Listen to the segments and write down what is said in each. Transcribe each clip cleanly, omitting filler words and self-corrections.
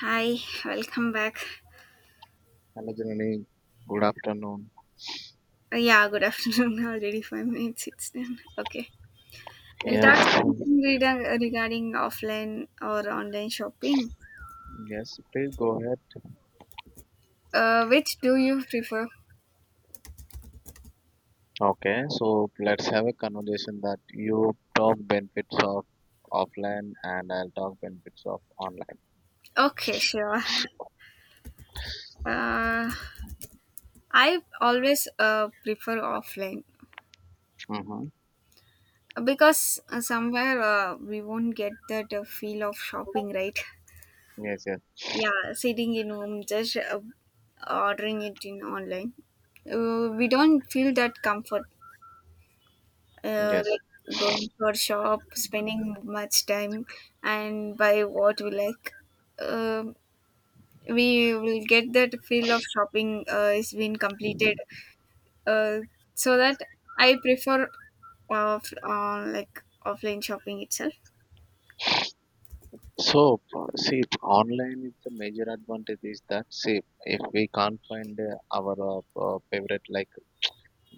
Hi, welcome back. Hello, Janani. Good afternoon. Yeah, good afternoon. Already 5 minutes. It's done. Okay, we'll Yes, talk something regarding offline or online shopping. yes, please go ahead. Which do you prefer? Okay, so let's have a conversation that you talk benefits of offline and I'll talk benefits of online. Okay, sure. Uh, I always prefer offline Mm-hmm. because somewhere we won't get that feel of shopping, right? Yes, yes, Yeah, sitting in home, just ordering it in online. We don't feel that comfort yes. like going for shop, spending much time, and buy what we like. Um we will get that feel of shopping is been completed. Uh, so that I prefer of like offline shopping itself. So, see, online is the major advantage is that, see, if we can't find our favorite, like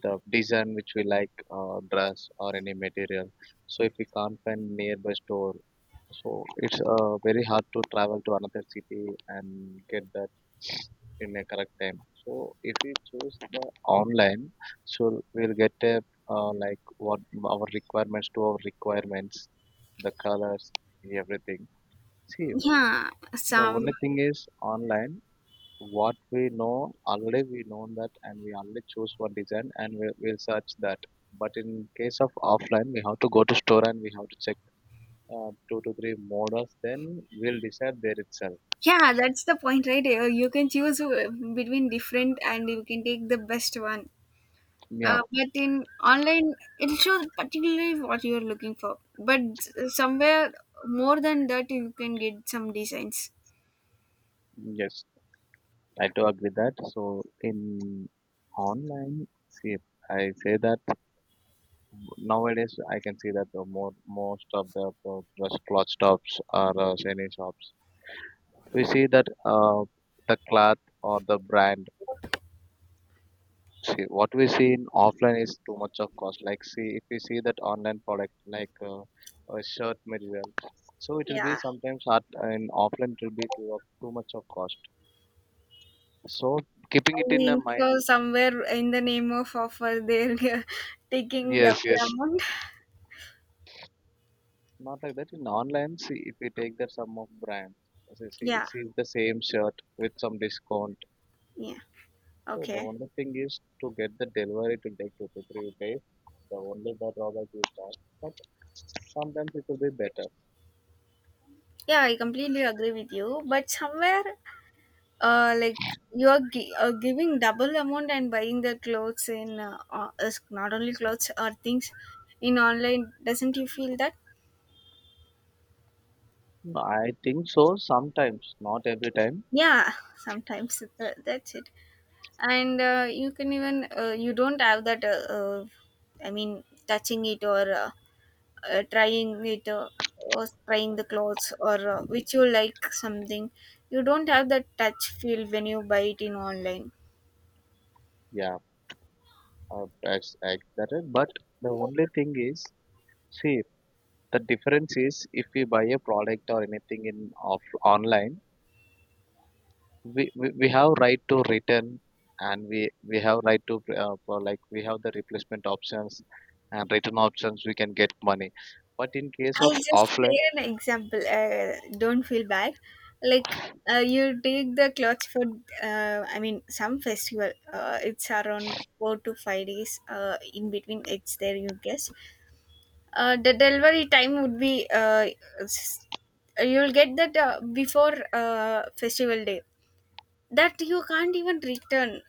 the design which we like, dress or any material, so if we can't find nearby store. So it's very hard to travel to another city and get that in a correct time. So if we choose the online, so we'll get a like what our requirements to our requirements, the colors, everything. See, Yeah, the some only thing is online. What we know already, we know that, and we already choose one design, and we, we'll search that. But in case of offline, we have to go to store and we have to check 2 to 3 models then will decide there itself. yeah, that's the point, right? You can choose between different, and you can take the best one. Yeah, But in online, it shows particularly what you're looking for. But somewhere more than that, you can get some designs. yes, I do agree that. So in online, see, I say that nowadays I can see that the more most of the dress cloth shops or any shops, we see that uh, the cloth or the brand. See, what we see in offline is too much of cost. Like, see, if we see that online product like a shirt material, so it will be Yeah. sometimes hard. And offline, it will be too much of cost. So keeping I it in the think mind. so. Somewhere in the name of offer, they're taking Yes, double yes, amount. not like that in online, see, if we take that some of brand. see, see, Yeah. see the same shirt with some discount. Yeah. So the Okay. only thing is to get the delivery to take 2 to 3 days. The only the drawback is that, but sometimes it will be better. Yeah, I completely agree with you. But somewhere, like you are giving double amount and buying the clothes in not only clothes or things in online. Doesn't you feel that? I think so sometimes, not every time. Yeah, sometimes that's it. And you can even you don't have that I mean touching it or trying it or trying the clothes or which you like something. You don't have that touch feel when you buy it in online. Yeah, that's accurate. But the only thing is, see, the difference is if we buy a product or anything in off online, we have right to return, and we have right to for like we have the replacement options and return options. We can get money. But in case of I'll just say offline, an example. Don't feel bad. Like you take the clothes for, I mean, some festival. It's around 4 to 5 days. In between, it's there. You guess. The delivery time would be s- you'll get that before festival day, that you can't even return.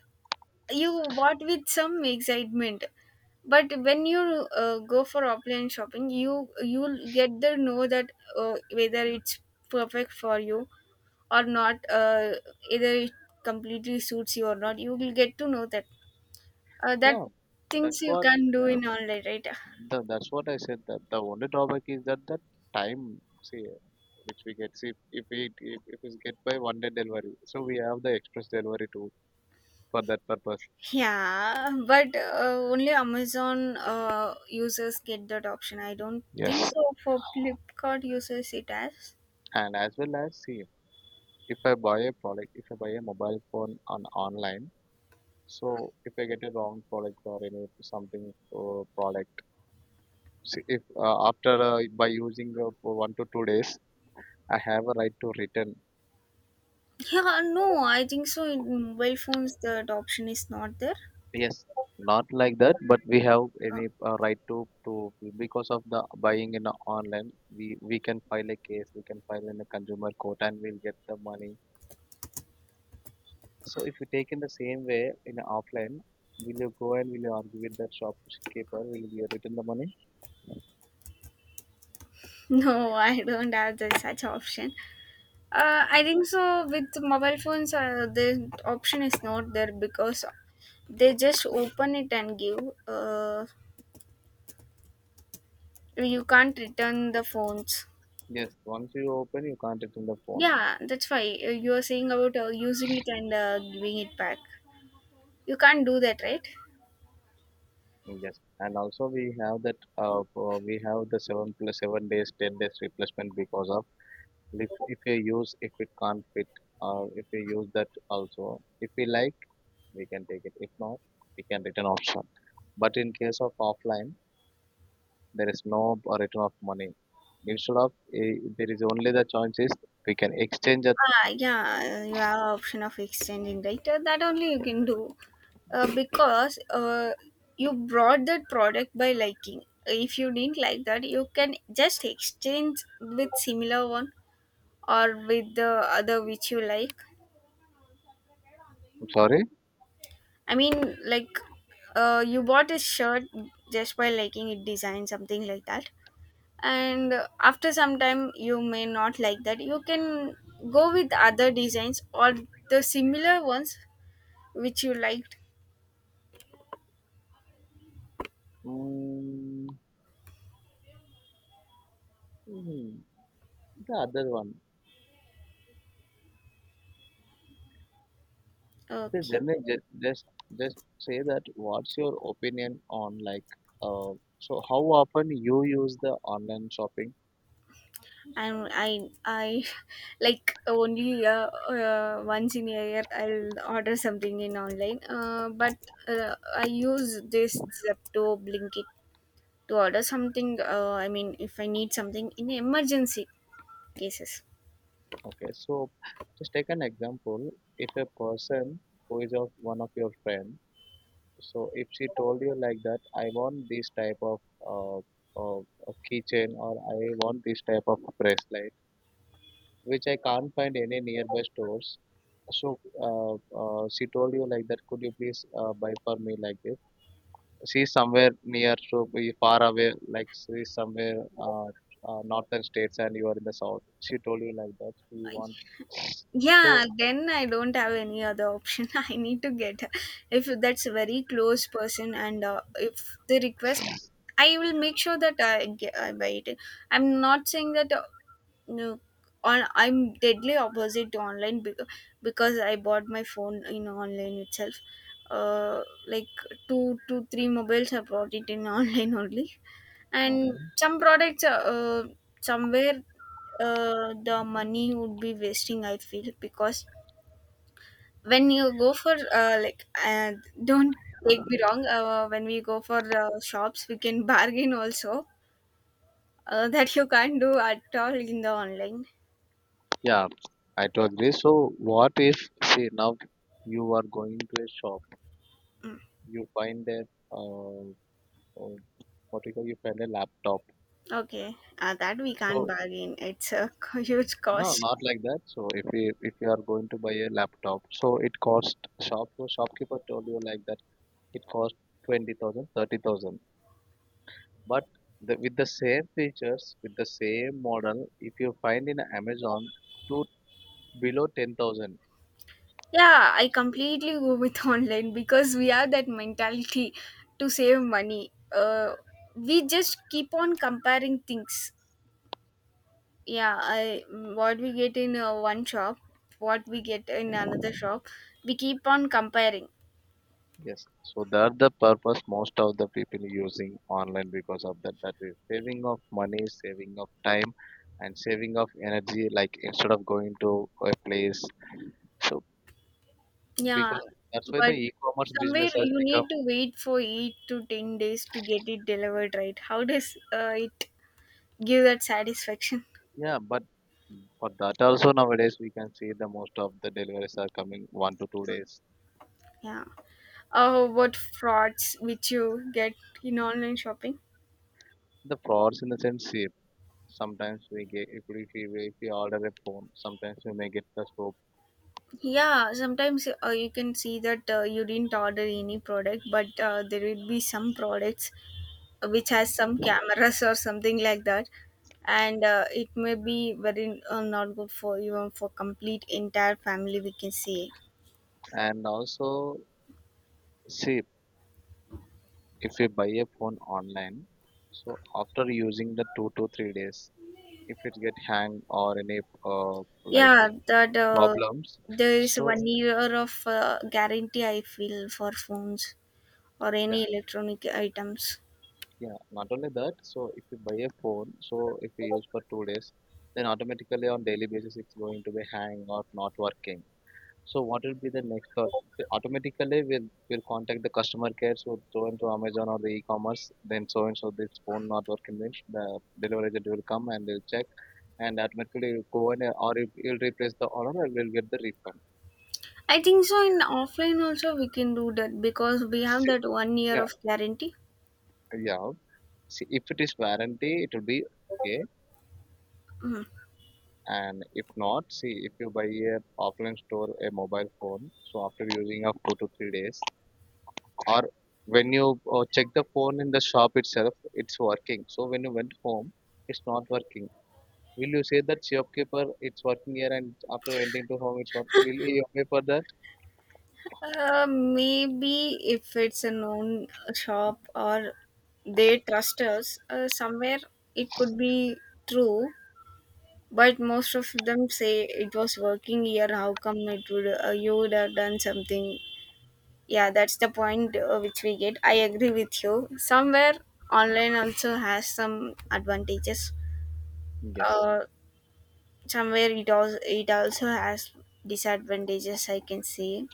You bought with some excitement, but when you go for offline shopping, you'll get the know that whether it's perfect for you or not. Either it completely suits you or not. You will get to know that, uh, that yeah, that's things you what. can't do Yeah. in online, right? That's what I said. That the only drawback is that the time, see, which we get. See, if we get by one day delivery, so we have the express delivery too for that purpose. Yeah, but only Amazon users get that option. I don't think Yes. so for Flipkart users it has. And as well, as see, if I buy a product, if I buy a mobile phone on online, so if I get a wrong product or any something product, see, if after by using for 1 to 2 days, I have a right to return. Yeah, no, I think so in mobile phones that option is not there. Yes, not like that, but we have Uh, any right to because of the buying in online, we can file a case, we can file in a consumer court, and we'll get the money. So if you take in the same way in offline, will you go and will you argue with the shopkeeper? Will you return the money? no, I don't have the such option. I think so with mobile phones the option is not there because they just open it and give. Uh, you can't return the phones. Yes, once you open, you can't return the phone. Yeah, that's why you are saying about using it and giving it back. You can't do that, right? Yes, and also we have that we have the 7 plus 7 days, 10 days replacement because of. And if you use if it can't fit if you use that also, if we like, we can take it. If not, we can return option. But in case of offline, there is no return of money. Instead of eh, there is only, the choice is, we can exchange that. Ah, yeah, you have option of exchanging, right? That only you can do, because you brought that product by liking. If you didn't like that, you can just exchange with similar one or with the other which you like. I'm sorry. I mean, like, you bought a shirt just by liking it design, something like that. And after some time you may not like that, you can go with other designs or the similar ones which you liked. Mm, hmm, the other one. The Okay. generally just say that what's your opinion on like uh, so how often you use the online shopping. And I like only once in a year I'll order something in online, but I use this Zepto Blinkit to order something, I mean if I need something in emergency cases. Okay, so just take an example. If a person who is of one of your friend, so if she told you like that, I want this type of uh, uh, a keychain, or I want this type of bracelet, which I can't find any nearby stores. So she told you like that, could you please buy for me like this? She's somewhere near, so be far away, like she's somewhere northern states and you are in the south. She told you like that, she want Yeah, so. then I don't have any other option. I need to get if that's a very close person and if they request, I will make sure that I buy it. I'm not saying that no on I'm deadly opposite to online, because I bought my phone in online itself. uh like two three mobiles I bought it in online only, and Mhm. some products somewhere the money would be wasting, I feel, because when you go for like don't take me wrong, when we go for shops we can bargain also, that you can't do at all in the online. Yeah, I do agree. So, what if, say, now you are going to a shop, you find a, uh, uh, what you call, you find a laptop. Okay, that we can't So, bargain. It's a huge no, cost. not like that. So, if you are going to buy a laptop, so it cost, shopkeeper told you like that. It cost 20,000, 30,000. But the, with the same features, with the same model, if you find in Amazon, to below 10,000. Yeah, I completely go with online because we have that mentality to save money. We just keep on comparing things. Yeah, what we get in one shop, what we get in another shop, we keep on comparing. Yes, so that the purpose most of the people using online because of that, that is saving of money, saving of time, and saving of energy. Like instead of going to a place, so Yeah, because that's why the but e-commerce somewhere business has you become. need to wait for 8 to 10 days to get it delivered, right? How does it give that satisfaction? Yeah. But for that also, nowadays we can see the most of the deliveries are coming 1 to 2 days. Yeah. Oh, what frauds which you get in online shopping? The frauds in the sense shape. Sometimes we get, if we if we if we order a phone, sometimes we may get the soap. Yeah, sometimes you can see that you didn't order any product, but there will be some products which has some cameras or something like that, and it may be very not good for even for complete entire family, we can say. And also, see, if we buy a phone online, so after using the 2 to 3 days, if it get hang or any uh, like Yeah, uh, that problems, there is so 1 year of guarantee, I feel, for phones or yeah. any electronic items. Yeah, not only that. So if you buy a phone, so if you use for 2 days, then automatically on daily basis it's going to be hang or not working. So what will be the next thought? So automatically we'll contact the customer care. So so and so Amazon or the e-commerce, then so and so this phone not working. Then the delivery agent will come and they'll check, and automatically will go and it'll replace the order and we'll get the refund. I think so. In offline also we can do that because we have See, that 1 year yeah, of guarantee. yeah. See, if it is warranty, it will be okay. Mhm. And if not, see, if you buy a offline store a mobile phone, so after using of 2 to 3 days, or when you check the phone in the shop itself it's working, so when you went home it's not working. Will you say that shopkeeper it's working here and after went to home it's work? Will you pay for that? Maybe if it's a known shop or they trust us, somewhere it could be true. But most of them say it was working here. How come it would you would have done something? Yeah, that's the point which we get. I agree with you. Somewhere online also has some advantages. Yes, Uh, Somewhere it also has disadvantages, I can say.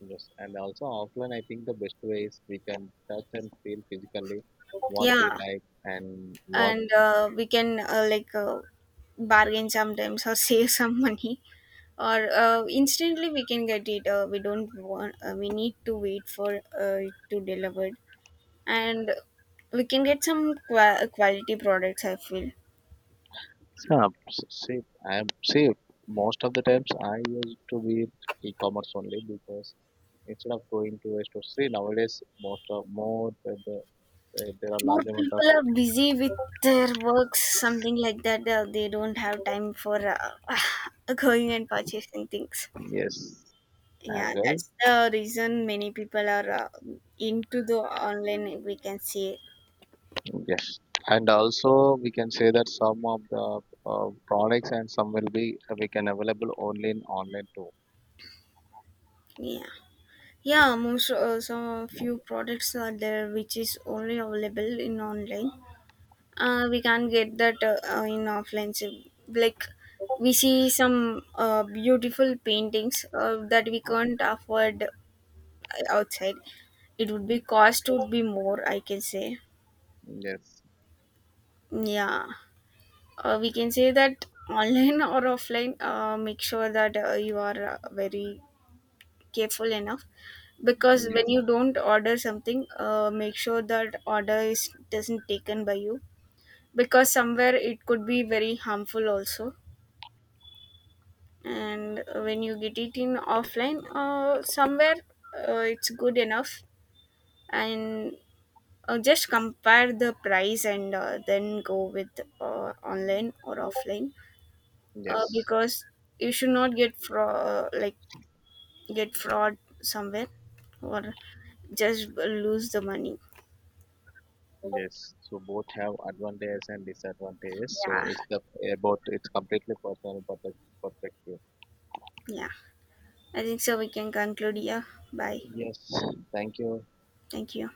yes, and also offline. I think the best way is we can touch and feel physically what we Yeah. like and what. And we can like bargain sometimes or save some money, or instantly we can get it. We don't want, we need to wait for it to delivered, and we can get some quality products, I feel. Yeah, see, I'm see. Most of the times I used to be e-commerce only, because instead of going to a store. See, nowadays most of more there are More large amount people are busy with their works, something like that, they don't have time for going and purchasing things. of. Yes. Yeah, As well. that's the reason many people are into the online, we can say. Yes. And also we can say that some of the products and some will be we can available only in online too. Yeah, yeah. Most some few products are there which is only available in online, we can't get that in offline. So, like, we see some beautiful paintings that we can't afford outside. It would be cost would be more, I can say. Yes. Yeah. We can say that online or offline, make sure that you are very careful enough, because when Yes, you don't order something, make sure that order is doesn't taken by you, because somewhere it could be very harmful also. And when you get it in offline, somewhere it's good enough. And just compare the price and then go with online or offline, yes, because you should not get fraud like get fraud somewhere, or just lose the money. yes, so both have advantages and disadvantages. Yeah. So it's the about it's completely personal perspective. Yeah, I think so we can conclude here. Bye. Yes. Thank you. Thank you.